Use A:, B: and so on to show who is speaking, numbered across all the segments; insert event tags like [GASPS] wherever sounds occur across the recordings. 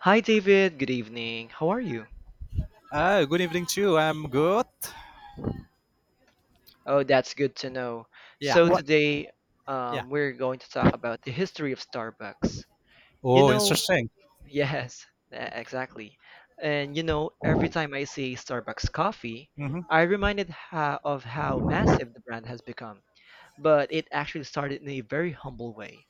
A: Hi, David. Good evening. How are you?
B: Ah, good evening to you. I'm good.
A: Oh, that's good to know.
B: Yeah.
A: So,
B: What?
A: today
B: Yeah.
A: we're going to talk about the history of Starbucks. You
B: Oh,
A: know,
B: interesting.
A: [LAUGHS] yes, exactly. And you know, every time I see Starbucks coffee,
B: Hmm.
A: I reminded ha of how massive the brand has become. But it actually started in a very humble way.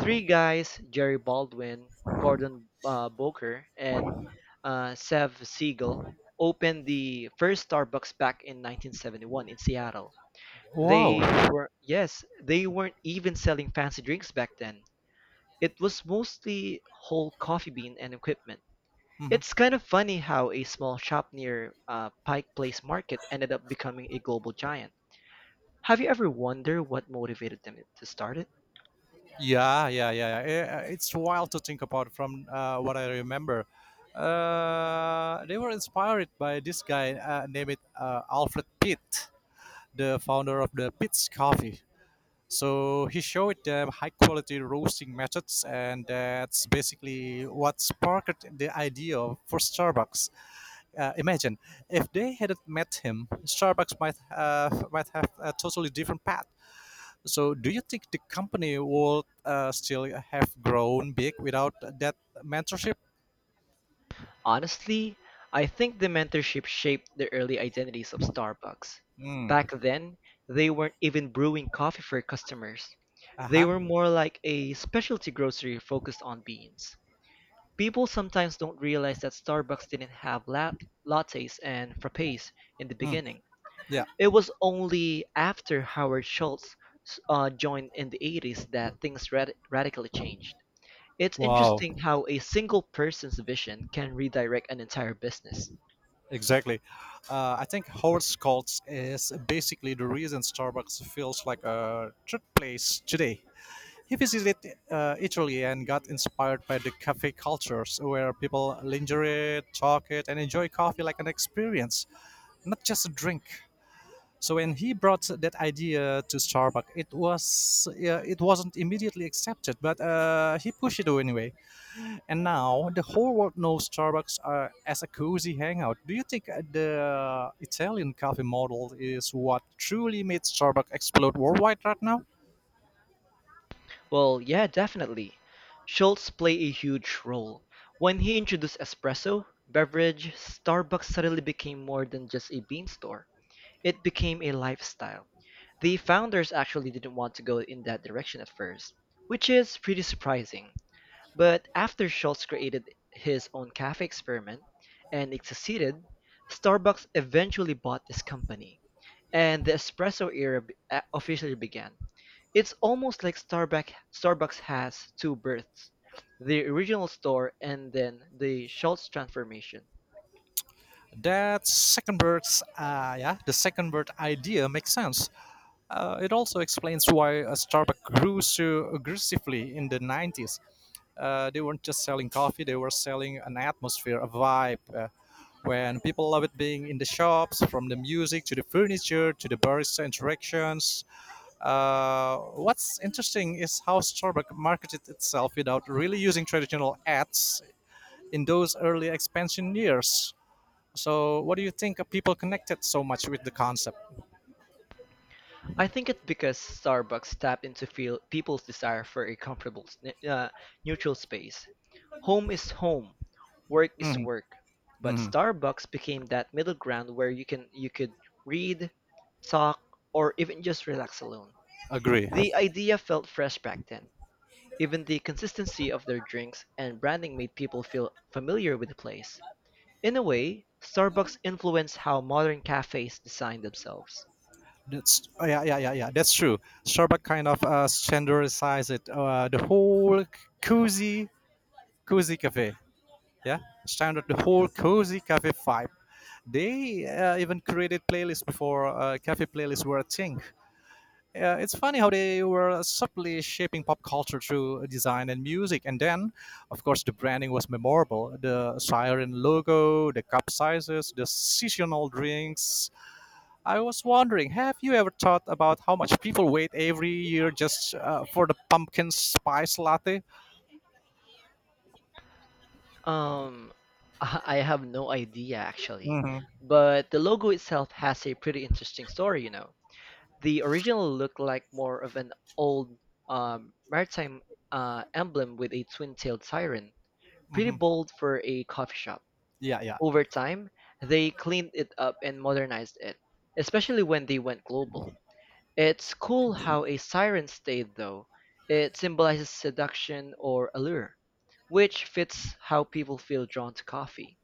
A: Three guys, Jerry Baldwin, Gordon Boker, and Sev Siegel, opened the first Starbucks back in 1971 in Seattle.
B: Wow.
A: They were, yes, they weren't even selling fancy drinks back then. It was mostly whole coffee bean and equipment.
B: Hmm.
A: It's kind of funny how a small shop near Pike Place Market ended up becoming a global giant. Have you ever wondered what motivated them to start it?
B: Yeah, yeah, yeah. Yeah. It's wild to think about from what I remember. They were inspired by this guy named Alfred Pitt, the founder of the Pitt's Coffee. So he showed them high quality roasting methods, and that's basically what sparked the idea for Starbucks. Imagine if they hadn't met him, Starbucks might might have a totally different path. So, do you think the company would still have grown big without that mentorship?
A: Honestly, I think the mentorship shaped the early identities of Starbucks. Back
B: Mm.
A: then, they weren't even brewing coffee for customers.
B: Uh
A: They
B: huh.
A: were more like a specialty grocery focused on beans. People sometimes don't realize that Starbucks didn't have lattes and frappes in the
B: Mm.
A: beginning.
B: Yeah.
A: It was only after Howard Schultz joined in the '80s that things radically changed. It's
B: Wow.
A: interesting how a single person's vision can redirect an entire business.
B: Exactly. I think Howard Schultz is basically the reason Starbucks feels like a third place today. He visited Italy and got inspired by the cafe cultures, where people lingerie, talk it, and enjoy coffee like an experience, not just a drink. So when he brought that idea to Starbucks, it wasn't immediately accepted, but he pushed it anyway. And now the whole world knows Starbucks as a cozy hangout. Do you think the Italian coffee model is what truly made Starbucks explode worldwide right now?
A: Well, yeah, definitely. Schultz played a huge role. When he introduced espresso, beverage, Starbucks suddenly became more than just a bean store. It became a lifestyle. The founders actually didn't want to go in that direction at first, which is pretty surprising. But after Schultz created his own cafe experiment and it succeeded, Starbucks eventually bought this company, and the espresso era officially began. It's almost like Starbucks has two births, the original store and then the Schultz transformation.
B: That second bird's yeah, the second bird idea makes sense. It also explains why Starbucks grew so aggressively in the 90s. They weren't just selling coffee; they were selling an atmosphere, a vibe. When people love it being in the shops, from the music to the furniture to the barista interactions. What's interesting is how Starbucks marketed itself without really using traditional ads in those early expansion years. So, what do you think people connected so much with the concept?
A: I think it's because Starbucks tapped into feel, people's desire for a comfortable, neutral space. Home is home, work is
B: Mhm,
A: work, but
B: mhm.
A: Starbucks became that middle ground where you could read, talk, or even just relax alone.
B: Agree.
A: The idea felt fresh back then. Even the consistency of their drinks and branding made people feel familiar with the place. In a way, Starbucks influenced how modern cafes design themselves.
B: Yeah, yeah, yeah, yeah. That's true. Starbucks kind of standardized it. The whole cozy, cozy cafe. Yeah, standard the whole cozy cafe vibe. They even created playlists before cafe playlists were a thing. It's funny how they were subtly shaping pop culture through design and music. And then, of course, the branding was memorable. The siren logo, the cup sizes, the seasonal drinks. I was wondering, have you ever thought about how much people wait every year just for the pumpkin spice latte?
A: Um, [LAUGHS] I have no idea actually,
B: Hmm.
A: but the logo itself has a pretty interesting story, you know. The original looked like more of an old maritime emblem with a twin-tailed siren, pretty
B: Hmm.
A: bold for a coffee shop.
B: Yeah, yeah.
A: Over time, they cleaned it up and modernized it, especially when they went global. It's cool how a siren stayed though. It symbolizes seduction or allure, which fits how people feel drawn to coffee.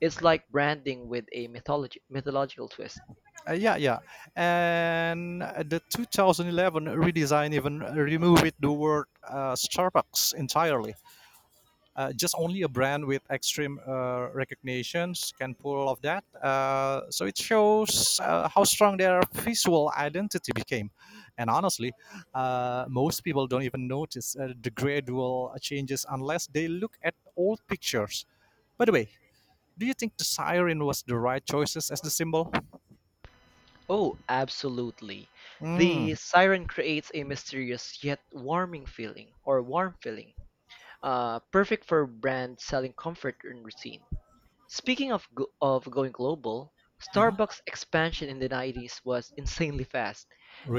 A: It's like branding with a mythology mythological twist.
B: Yeah, yeah. And the 2011 redesign even removed the word Starbucks entirely. Just only a brand with extreme recognitions can pull off that. So it shows how strong their visual identity became. And honestly, most people don't even notice the gradual changes unless they look at old pictures. By the way, do you think the siren was the right choices as the symbol?
A: Oh, absolutely. The
B: Mm,
A: siren creates a mysterious yet warming feeling, or warm feeling, perfect for brands selling comfort and routine. Speaking of going global,
B: mhm.
A: Starbucks expansion in the '90s was [LAUGHS] insanely fast.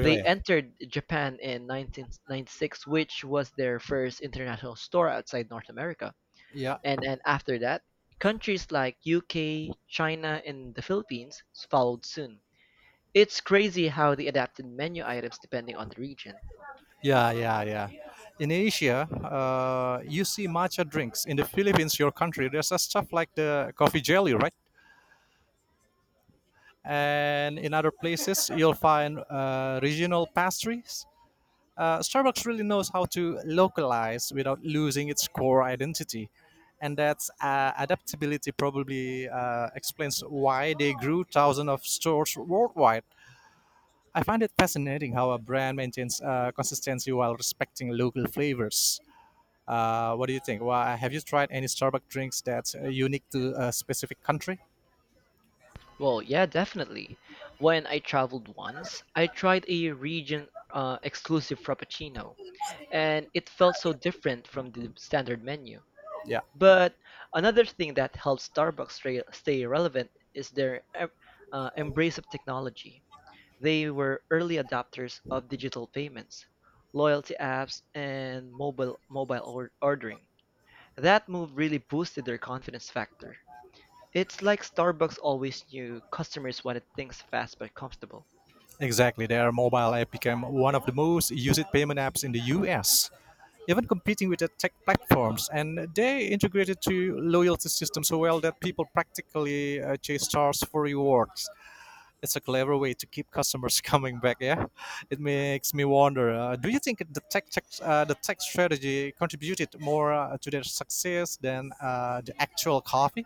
A: They entered Japan in 1996, which was their first international store outside North America.
B: Yeah.
A: And after that, countries like UK, China, and the Philippines followed soon. It's crazy how they adapted menu items depending on the region.
B: Yeah, yeah, yeah. In Asia, you see matcha drinks. In the Philippines, your country, there's a stuff like the coffee jelly, right? And in other places, you'll find regional pastries. Starbucks really knows how to localize without losing its core identity. And that's adaptability probably explains why they grew thousands of stores worldwide. I find it fascinating how a brand maintains consistency while respecting local flavors. What do you think? Why have you tried any Starbucks drinks that's unique to a specific country?
A: Well, yeah, definitely. When I traveled once, I tried a region exclusive frappuccino, and it felt so different from the standard menu.
B: Yeah,
A: But another thing that helps Starbucks stay relevant is their embrace of technology. They were early adopters of digital payments, loyalty apps, and mobile ordering. That move really boosted their confidence factor. It's like Starbucks always knew customers wanted things fast but comfortable.
B: exactly. Their mobile app became one of the most used payment apps in the US, even competing with the tech platforms. And they integrated to loyalty systems so well that people practically chase stars for rewards. It's a clever way to keep customers [LAUGHS] coming back. Yeah, it makes me wonder. Do you think the tech strategy contributed more to their success than the actual coffee?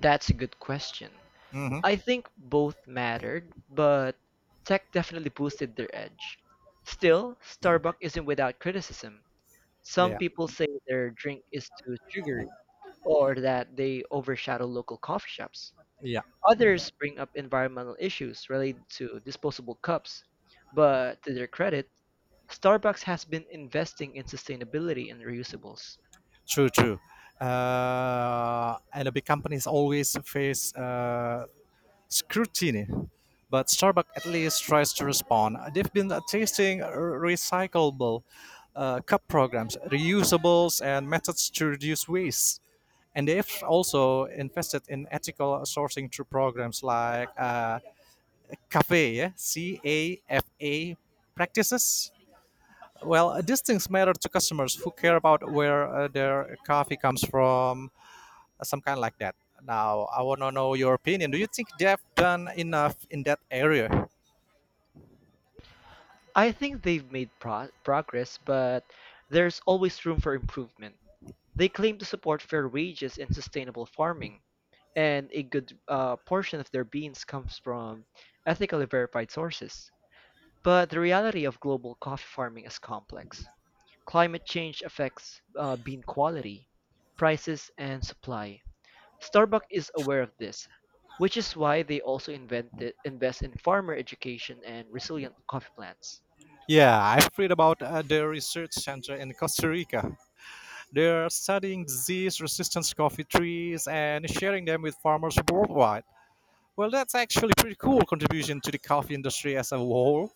A: That's a good question.
B: Mm-hmm.
A: I think both mattered, but tech definitely boosted their edge. Still, Starbucks isn't without criticism. Some
B: Yeah,
A: people say their drink is too sugary or that they overshadow local coffee shops.
B: yeah,
A: Others bring up environmental issues related to disposable cups, but to their credit, Starbucks has been investing in sustainability and reusables.
B: true, true. And the big companies always face scrutiny, but Starbucks at least tries to respond. They've been testing recyclable cup programs, reusables, and methods to reduce waste. And they've also invested in ethical sourcing through programs like CAFE, yeah? CAFA practices. Well, these things matter to customers who care about where their coffee comes from, some kind like that. Now, I want to know your opinion. Do you think they've done enough in that area?
A: I think they've made progress, but there's always room for improvement. They claim to support fair wages and sustainable farming, and a good portion of their beans comes from ethically verified sources. But the reality of global coffee farming is complex. Climate change affects bean quality, prices, and supply. Starbucks is aware of this, which is why they also invest in farmer education and resilient coffee plants.
B: Yeah, I've read about the research center in Costa Rica. They're studying disease resistant coffee trees and sharing them with farmers worldwide. Well, that's actually pretty cool contribution to the coffee industry as a whole.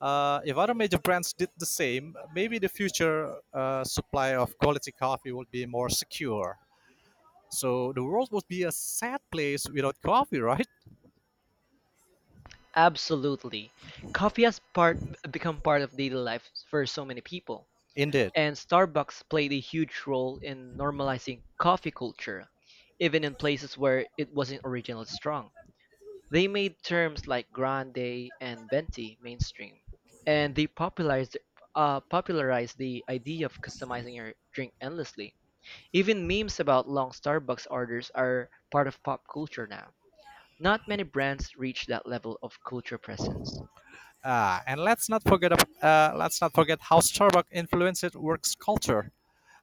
B: If other major brands did the same, maybe the future supply of quality coffee would be more secure. So the world would be a sad place without coffee, right?
A: Absolutely. Coffee has part become part of daily life for so many people,
B: Indeed.
A: and Starbucks played a huge role in normalizing coffee culture, even in places where it wasn't originally strong. They made terms like grande and venti mainstream, and they popularized the idea of customizing your drink endlessly. Even memes about long Starbucks orders are part of pop culture now. Not many brands reach that level of culture presence.
B: Ah, and let's not forget how Starbucks influenced works culture.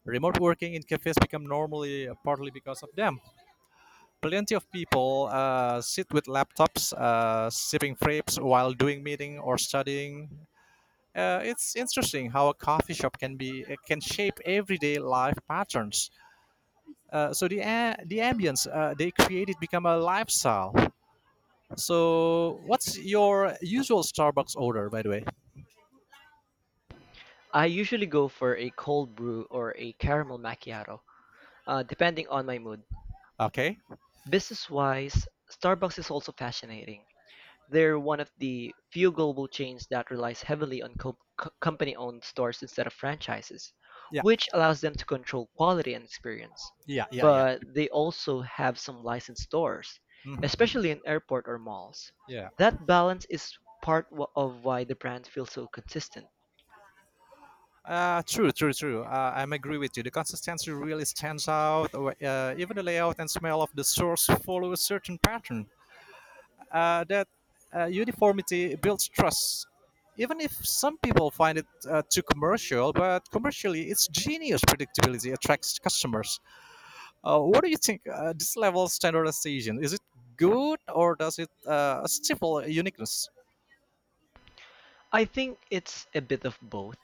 B: Remote working in cafes become normally partly because of them. Plenty of people sit with laptops, sipping fraps while doing meeting or studying. It's interesting how a coffee shop can shape everyday life patterns. So the ambience they created become a lifestyle. So what's your usual Starbucks order, by the way?
A: I usually go for a cold brew or a caramel macchiato, depending on my mood.
B: Okay.
A: Business wise, Starbucks is also fascinating. They're one of the few global chains that relies heavily on company owned stores instead of franchises,
B: Yeah.
A: which allows them to control quality and experience.
B: Yeah. Yeah. Yeah.
A: But they also have some licensed stores,
B: Hmm.
A: especially in airport or malls.
B: Yeah.
A: That balance is part of why the brand feels so consistent.
B: True, true, true. I'm agree with you. The consistency really stands out. Even the layout and smell of the source follow a certain pattern. That uniformity builds trust. Even if some people find it too commercial, but commercially, it's genius predictability attracts customers. What do you think? This level of standardization is it good or does it stifle uniqueness?
A: I think it's a bit of both.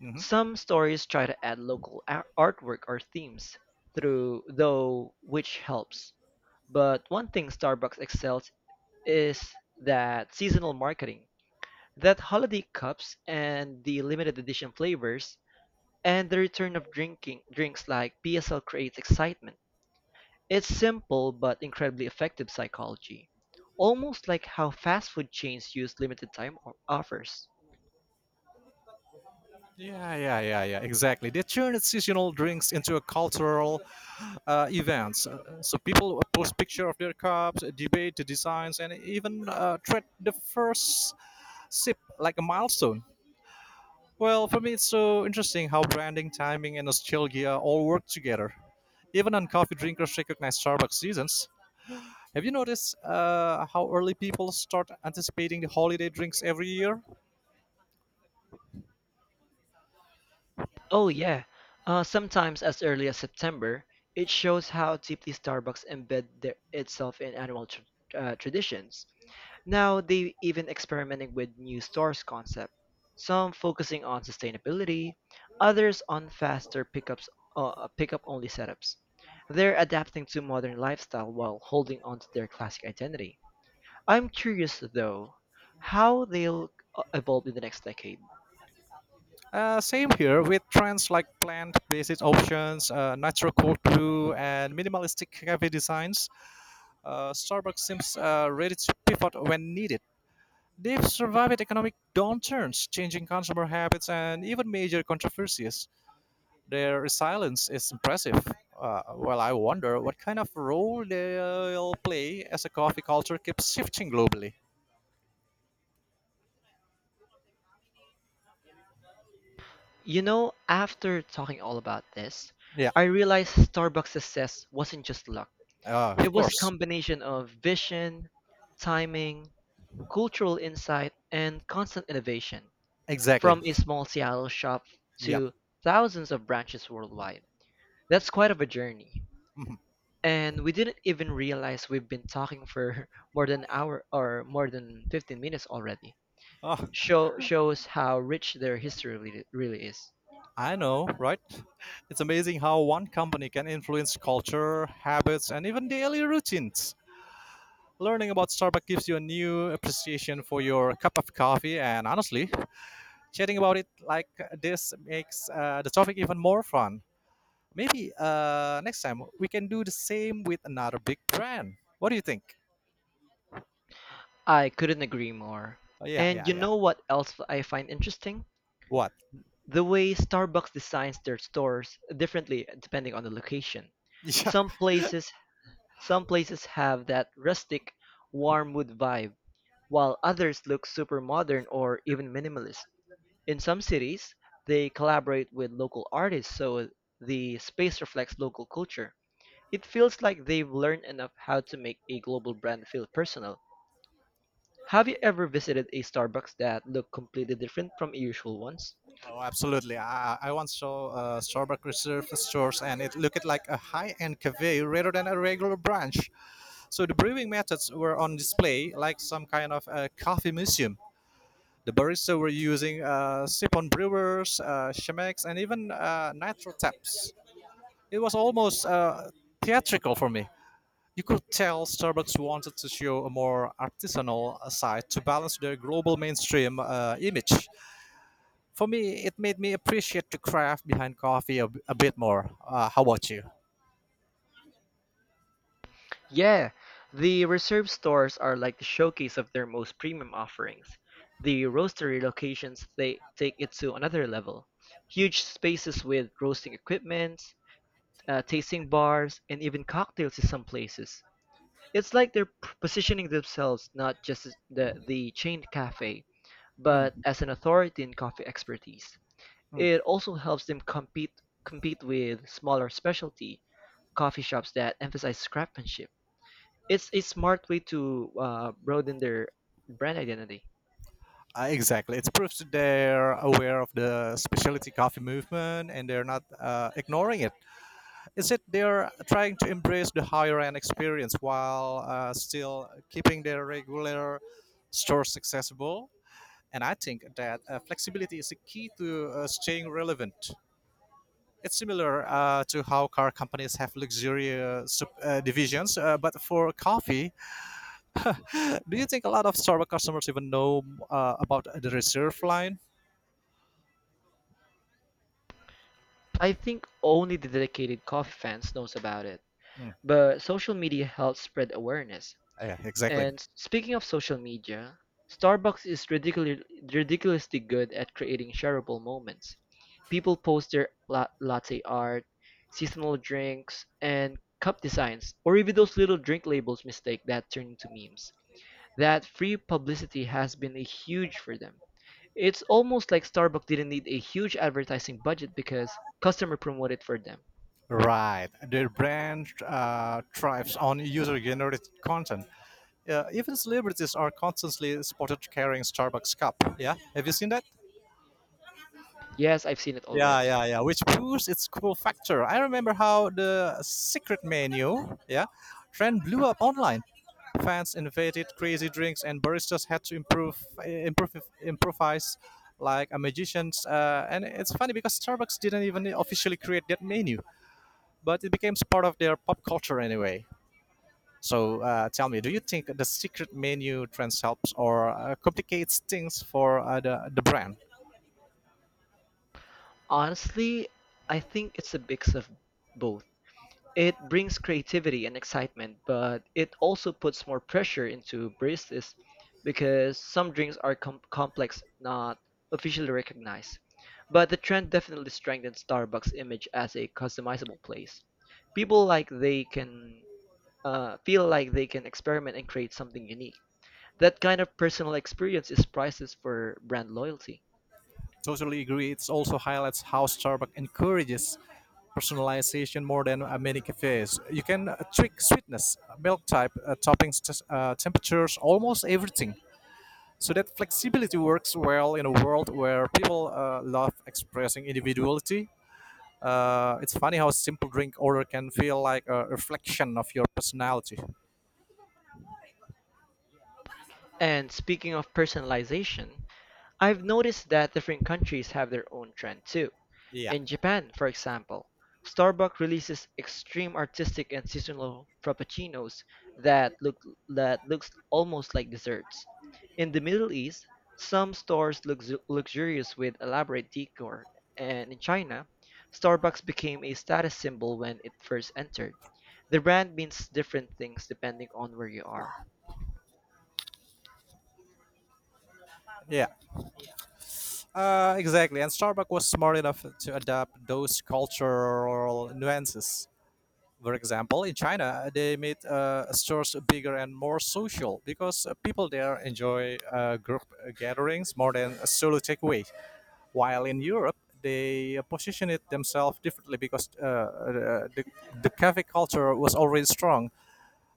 B: Hmm.
A: Some stories try to add local artwork or themes through though, which helps. But one thing Starbucks excels is that seasonal marketing. That holiday cups and the limited edition flavors and the return of drinking drinks like PSL creates excitement. It's simple but incredibly effective psychology. Almost like how fast food chains use limited time offers.
B: Yeah, yeah, yeah, yeah. Exactly. They turn seasonal drinks into a cultural events. So people post picture of their cups, debate the designs, and even treat the first sip like a milestone. Well, for me, it's so interesting how branding, timing, and nostalgia all work together. Even on coffee drinkers recognize Starbucks seasons. Have you noticed how early people start anticipating the holiday drinks every year?
A: Oh yeah, sometimes as early as September, it shows how deeply Starbucks itself in annual tr traditions. Now they even experimenting with new stores concept, some focusing on sustainability, others on faster pickups, pickup only setups. They're adapting to modern lifestyle while holding on to their classic identity. I'm curious though, how they'll evolve in the next decade.
B: Same here with trends like plant-based options, natural cold brew, and minimalistic cafe designs. Starbucks seems ready to pivot when needed. They've survived economic downturns, changing consumer habits, and even major controversies. Their resilience is impressive. Well, I wonder what kind of role they'll play as the coffee culture keeps shifting globally.
A: You know, after talking all about this,
B: Yeah,
A: I realized Starbucks' success wasn't just luck. It
B: of
A: was a
B: course.
A: combination of vision, timing, cultural insight, and constant innovation.
B: Exactly.
A: From a small Seattle shop
B: Yep.
A: to thousands of branches worldwide. That's quite of a journey.
B: Mhm.
A: And we didn't even realize we've been talking for [LAUGHS] more than an hour or more than 15 minutes already.
B: Ah,
A: Shows how rich their history really is.
B: I know, right? It's amazing how one company can influence culture, habits, and even daily routines. Learning about Starbucks gives you a new appreciation for your cup of coffee, and honestly, chatting about it like this makes the topic even more fun. Maybe next time we can do the same with another big brand. What do you think?
A: I couldn't agree more.
B: Oh, yeah,
A: And
B: yeah,
A: you
B: yeah.
A: know what else I find interesting?
B: What? [LAUGHS]
A: The way Starbucks designs their stores differently depending on the location.
B: Yeah.
A: Some places some places have that rustic, warm wood vibe, while others look super modern or even minimalist. In some cities, they collaborate with local artists so the space reflects local culture. It feels like they've learned enough how to make a global brand feel personal. Have you ever visited a Starbucks that looked completely different from usual ones?
B: Oh, absolutely. I once saw Starbucks Reserve stores, and it looked like a high-end cafe rather than a regular branch. So the brewing methods were on display, like some kind of coffee museum. The barista were using siphon brewers, Chemex, and even nitro taps. It was almost theatrical for me. You could tell Starbucks wanted to show a more artisanal side to balance their global mainstream image. For me, it made me appreciate the craft behind coffee a bit more. How about you?
A: Yeah, the reserve stores are like the showcase of their most premium offerings. The roastery locations they take it to another level. Huge spaces with roasting equipment, tasting bars, and even cocktails in some places. It's like they're positioning themselves not just as the chained cafe,
B: Hmm,
A: but as an authority in coffee expertise.
B: hmm.
A: It also helps them compete with smaller specialty coffee shops that emphasize craftsmanship. It's a smart way to broaden their brand identity.
B: Exactly. It proves that they're aware of the specialty coffee movement and they're not ignoring it. Is it they're trying to embrace the higher end experience while still keeping their regular stores accessible? And I think that flexibility is a key to staying relevant. It's similar to how car companies have luxury divisions, but for coffee, [GASPS] [LAUGHS] do you think a lot of Starbucks customers even know about the reserve line?
A: I think only the dedicated coffee fans knows about it,
B: Hmm.
A: but social media helps spread awareness.
B: Yeah, exactly.
A: And speaking of social media, Starbucks is ridiculously good at creating shareable moments. People post their latte art, seasonal drinks, and cup designs, or even those little drink labels mistake that turn into memes. That free publicity has been a huge for them. It's almost like Starbucks didn't need a huge advertising budget because customer promoted for them.
B: Right. Their brand thrives on user generated content. Even celebrities are constantly spotted carrying Starbucks cup. Yeah, have you seen that?
A: Yes, I've seen it
B: Yeah,
A: already.
B: yeah, yeah. Which boosts its cool factor. I remember how the secret menu, yeah, trend blew up online. Fans invented crazy drinks, and baristas had to improvise like a magicians. And it's funny because Starbucks didn't even officially create that menu, but it became part of their pop culture anyway. So tell me, do you think the secret menu trends helps or complicates things for the brand?
A: Honestly, I think it's a mix of both. It brings creativity and excitement, but it also puts more pressure into baristas because some drinks are complex, not officially recognized. But the trend definitely strengthens Starbucks' image as a customizable place. People like they can feel like they can experiment and create something unique. That kind of personal experience is priceless for brand loyalty.
B: Totally agree. It also highlights how Starbucks encourages personalization more than many cafes. You can tweak sweetness, milk type, toppings, temperatures, almost everything. So that flexibility works well in a world where people love expressing individuality. It's funny how a simple drink order can feel like a reflection of your personality.
A: And speaking of personalization, I've noticed that different countries have their own trend too.
B: Yeah,
A: In Japan, for example, Starbucks releases extreme artistic and seasonal frappuccinos that look that looks almost like desserts. In the Middle East, some stores look luxurious with elaborate decor, and in China, Starbucks became a status symbol when it first entered. The brand means different things depending on where you are.
B: yeah, exactly. And Starbucks was smart enough to adapt those cultural nuances. For example, in China, they made stores bigger and more social because people there enjoy group gatherings more than a solo takeaway. While in Europe, they position it themselves differently because the cafe culture was already strong.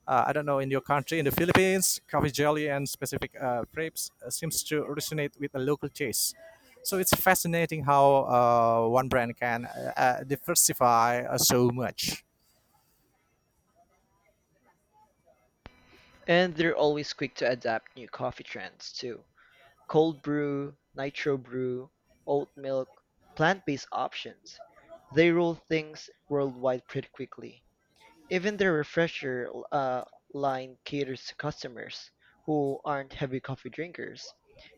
B: I don't know in your country, in the Philippines, coffee jelly and specific crepes seems to resonate with the local taste. So it's fascinating how one brand can diversify so much.
A: And they're always quick to adapt new coffee trends too. Cold brew, nitro brew, oat milk, plant-based options. They roll things worldwide pretty quickly. Even their refresher line caters to customers who aren't heavy coffee drinkers.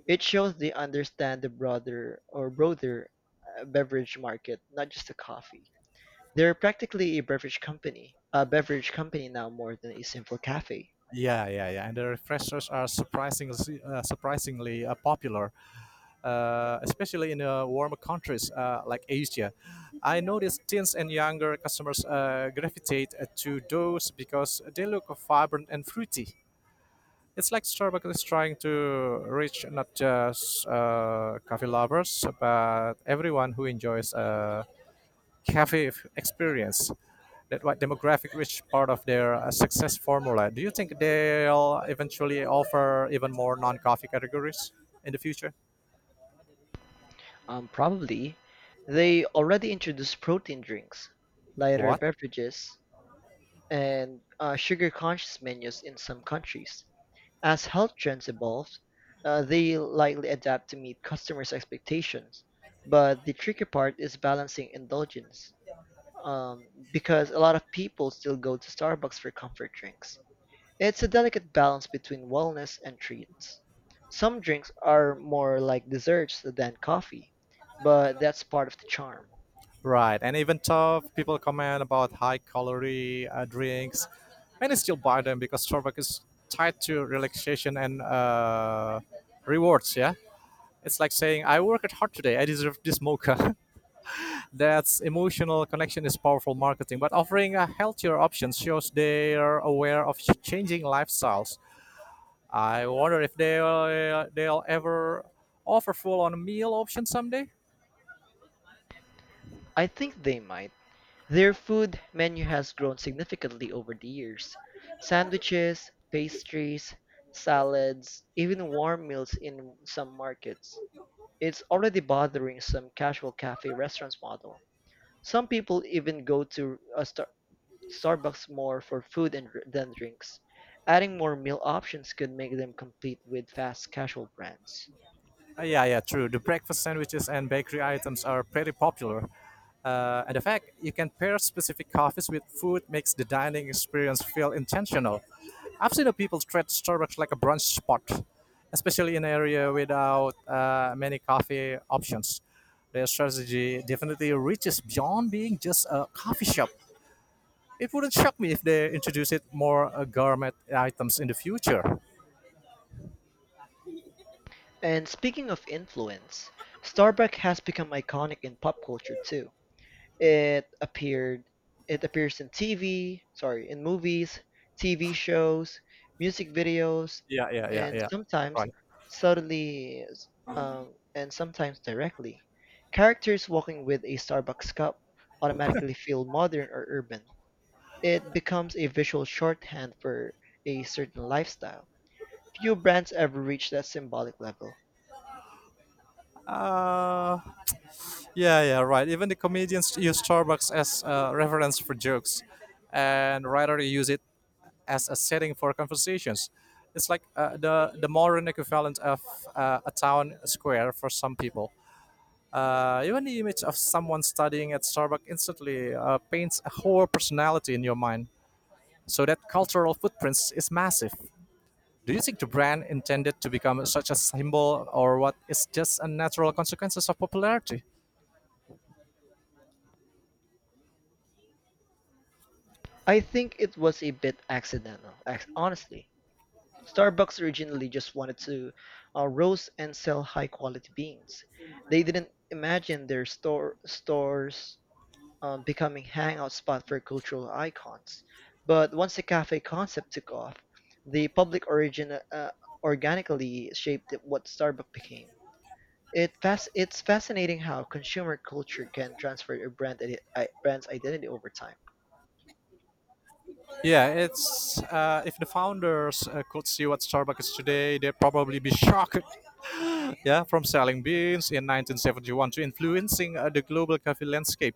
A: It shows they understand the broader or broader beverage market, not just the coffee. They're practically a beverage company now more than a simple cafe.
B: Yeah, yeah, yeah. And the refreshers are surprisingly popular, especially in warmer countries like Asia. I noticed teens and younger customers gravitate to those because they look vibrant and fruity. It's like Starbucks is trying to reach not just coffee lovers, but everyone who enjoys a experience that white demographic rich part of their success formula. Do you think they'll eventually offer even more non-coffee categories in the future?
A: Probably, they already introduce protein drinks, lighter
B: What?
A: beverages, and sugar-conscious menus in some countries. As health trends evolve, they likely adapt to meet customers' expectations. But the tricky part is balancing indulgence, because a lot of people still go to Starbucks for comfort drinks. It's a delicate balance between wellness and treats. Some drinks are more like desserts than coffee, but that's part of the charm.
B: Right, and even tough people comment about high calorie drinks, many still buy them because Starbucks is tied to relaxation and rewards. Yeah, it's like saying I worked hard today, I deserve this mocha. [LAUGHS] That's emotional connection is powerful marketing, but offering a healthier option shows they are aware of changing lifestyles. I wonder if they'll ever offer full-on meal options someday.
A: I think they might. Their food menu has grown significantly over the years. Sandwiches, pastries, salads, even warm meals in some markets. It's already bothering some casual cafe restaurants model. Some people even go to Starbucks more for food and than drinks, adding more meal options could make them compete with fast casual brands.
B: Yeah, yeah, true. The breakfast sandwiches and bakery items are pretty popular. And the fact you can pair specific coffees with food makes the dining experience feel intentional. I've seen the people treat Starbucks like a brunch spot, especially in area without many coffee options. Their strategy definitely reaches beyond being just a coffee shop. It wouldn't shock me if they introduce it more gourmet items in the future.
A: And speaking of influence, Starbucks has become iconic in pop culture too. It appeared it appears in TV, sorry, in movies, TV shows, music videos,
B: Yeah, yeah, yeah,
A: and
B: yeah. Right.
A: subtly s- sometimes directly. Characters walking with a Starbucks cup automatically feel modern or urban. It becomes a visual shorthand for a certain lifestyle. Few brands ever reach that symbolic level.
B: Uh, yeah, yeah, right. Even the comedians use Starbucks as a reference for jokes, and rather use it as a setting for conversations. It's like the modern equivalent of a town square for some people. Even the image of someone studying at Starbucks instantly paints a whole personality in your mind. So that cultural footprint is massive. Do you think the brand intended to become such a symbol, or what is just a natural consequences of popularity?
A: I think it was a bit accidental, honestly. Starbucks originally just wanted to roast and sell high quality beans. They didn't imagine their stores becoming hangout spot for cultural icons. But once the cafe concept took off, the public origin organically shaped what Starbucks became. It's fascinating how consumer culture can transfer a brand's identity over time.
B: Yeah, it's if the founders could see what Starbucks is today, they'd probably be shocked. Yeah, from selling beans in 1971 to influencing the global coffee landscape.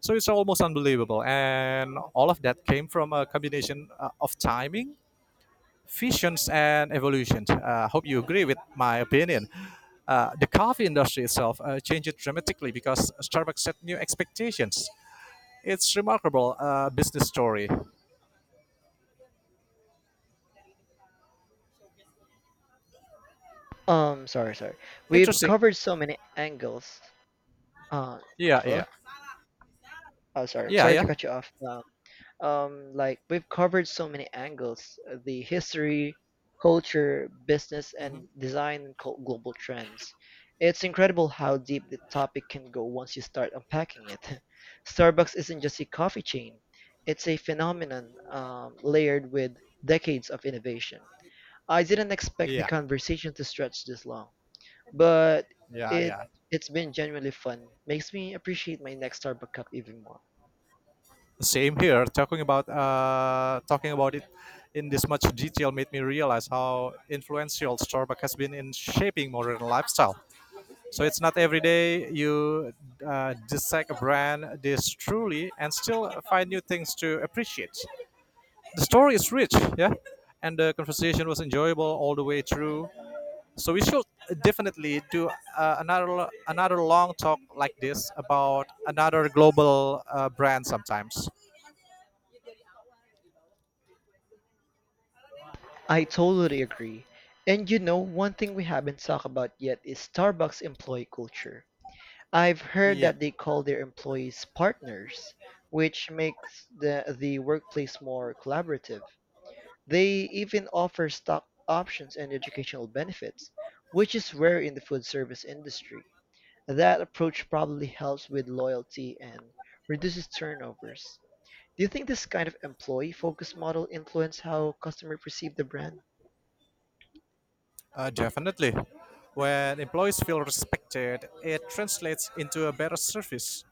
B: So it's almost unbelievable, and all of that came from a combination of timing fissions and evolution. I hope you agree with my opinion. The coffee industry itself changed dramatically because Starbucks set new expectations. It's remarkable business story.
A: Sorry, sorry. We've
B: Interesting.
A: covered so many angles. Uh,
B: Yeah,
A: Hello.
B: yeah,
A: Oh, sorry.
B: yeah,
A: Sorry to
B: yeah,
A: cut you off. Like we've covered so many angles, the history, culture, business, and design and global trends. It's incredible how deep the topic can go once you start unpacking it. [LAUGHS] Starbucks isn't just a coffee chain; it's a phenomenon layered with decades of innovation. I didn't expect the
B: yeah,
A: conversation to stretch this long, but
B: yeah,
A: it
B: yeah.
A: it's been genuinely fun. Makes me appreciate my next Starbucks cup even more.
B: Same here. Talking about it in this much detail made me realize how influential Starbucks has been in shaping modern lifestyle. So it's not every day you dissect a brand this truly and still find new things to appreciate. The story is rich, yeah, and the conversation was enjoyable all the way through. So we should definitely do another long talk like this about another global brand sometimes.
A: I totally agree. And you know, one thing we haven't talked about yet is Starbucks employee culture. I've heard
B: Yeah,
A: that they call their employees partners, which makes the workplace more collaborative. They even offer stock options and educational benefits, which is rare in the food service industry. That approach probably helps with loyalty and reduces turnovers. Do you think this kind of employee focused model influence how customers perceive the brand?
B: definitely. When employees feel respected, it translates into a better service.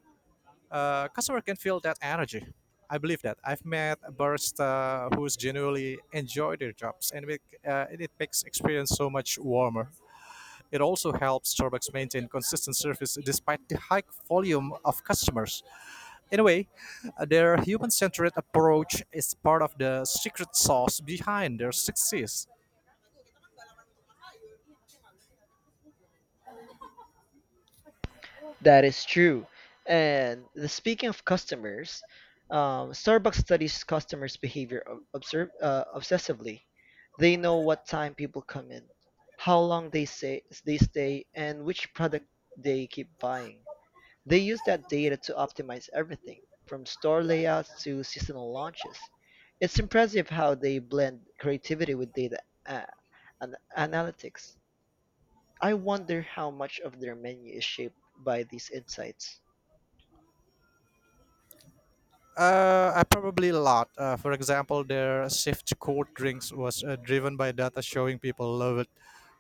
B: Customer can feel that energy. I believe that I've met a barista who's genuinely enjoy their jobs, and it makes experience so much warmer. It also helps Starbucks maintain consistent service despite the high volume of customers. In a way, their human-centered approach is part of the secret sauce behind their success.
A: That is true. And speaking of customers, Starbucks studies customers' behavior obsessively. They know what time people come in, how long they say they stay, and which product they keep buying. They use that data to optimize everything, from store layouts to seasonal launches. It's impressive how they blend creativity with data uh, analytics. I wonder how much of their menu is shaped by these insights.
B: I probably a lot. For example, their shift cold drinks was driven by data showing people loved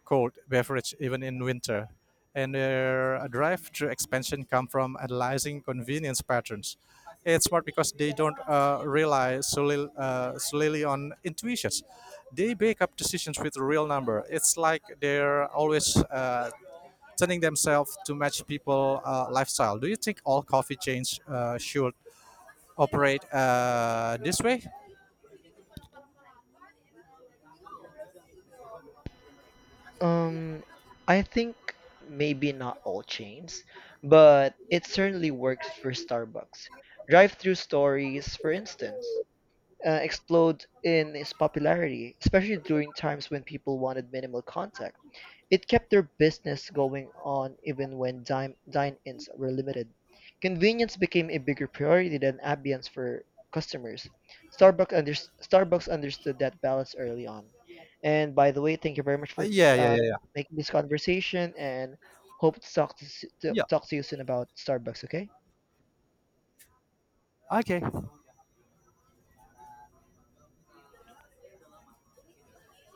B: cold beverage even in winter, and their drive-through expansion come from analyzing convenience patterns. It's smart because they don't solely on intuitions. They make up decisions with real number. It's like they're always turning themselves to match people lifestyle. Do you think all coffee chains should operate this way?
A: Um, I think maybe not all chains, but it certainly works for Starbucks. Drive-through stories, for instance, explode in its popularity, especially during times when people wanted minimal contact. It kept their business going on even when dine-ins were limited. Convenience became a bigger priority than ambience for customers. Starbucks, under- Starbucks understood that balance early on. And by the way, thank you very much for
B: Yeah, yeah,
A: uh,
B: yeah, yeah.
A: making this conversation and hope to to
B: Yeah.
A: talk to you soon about Starbucks, okay?
B: Okay.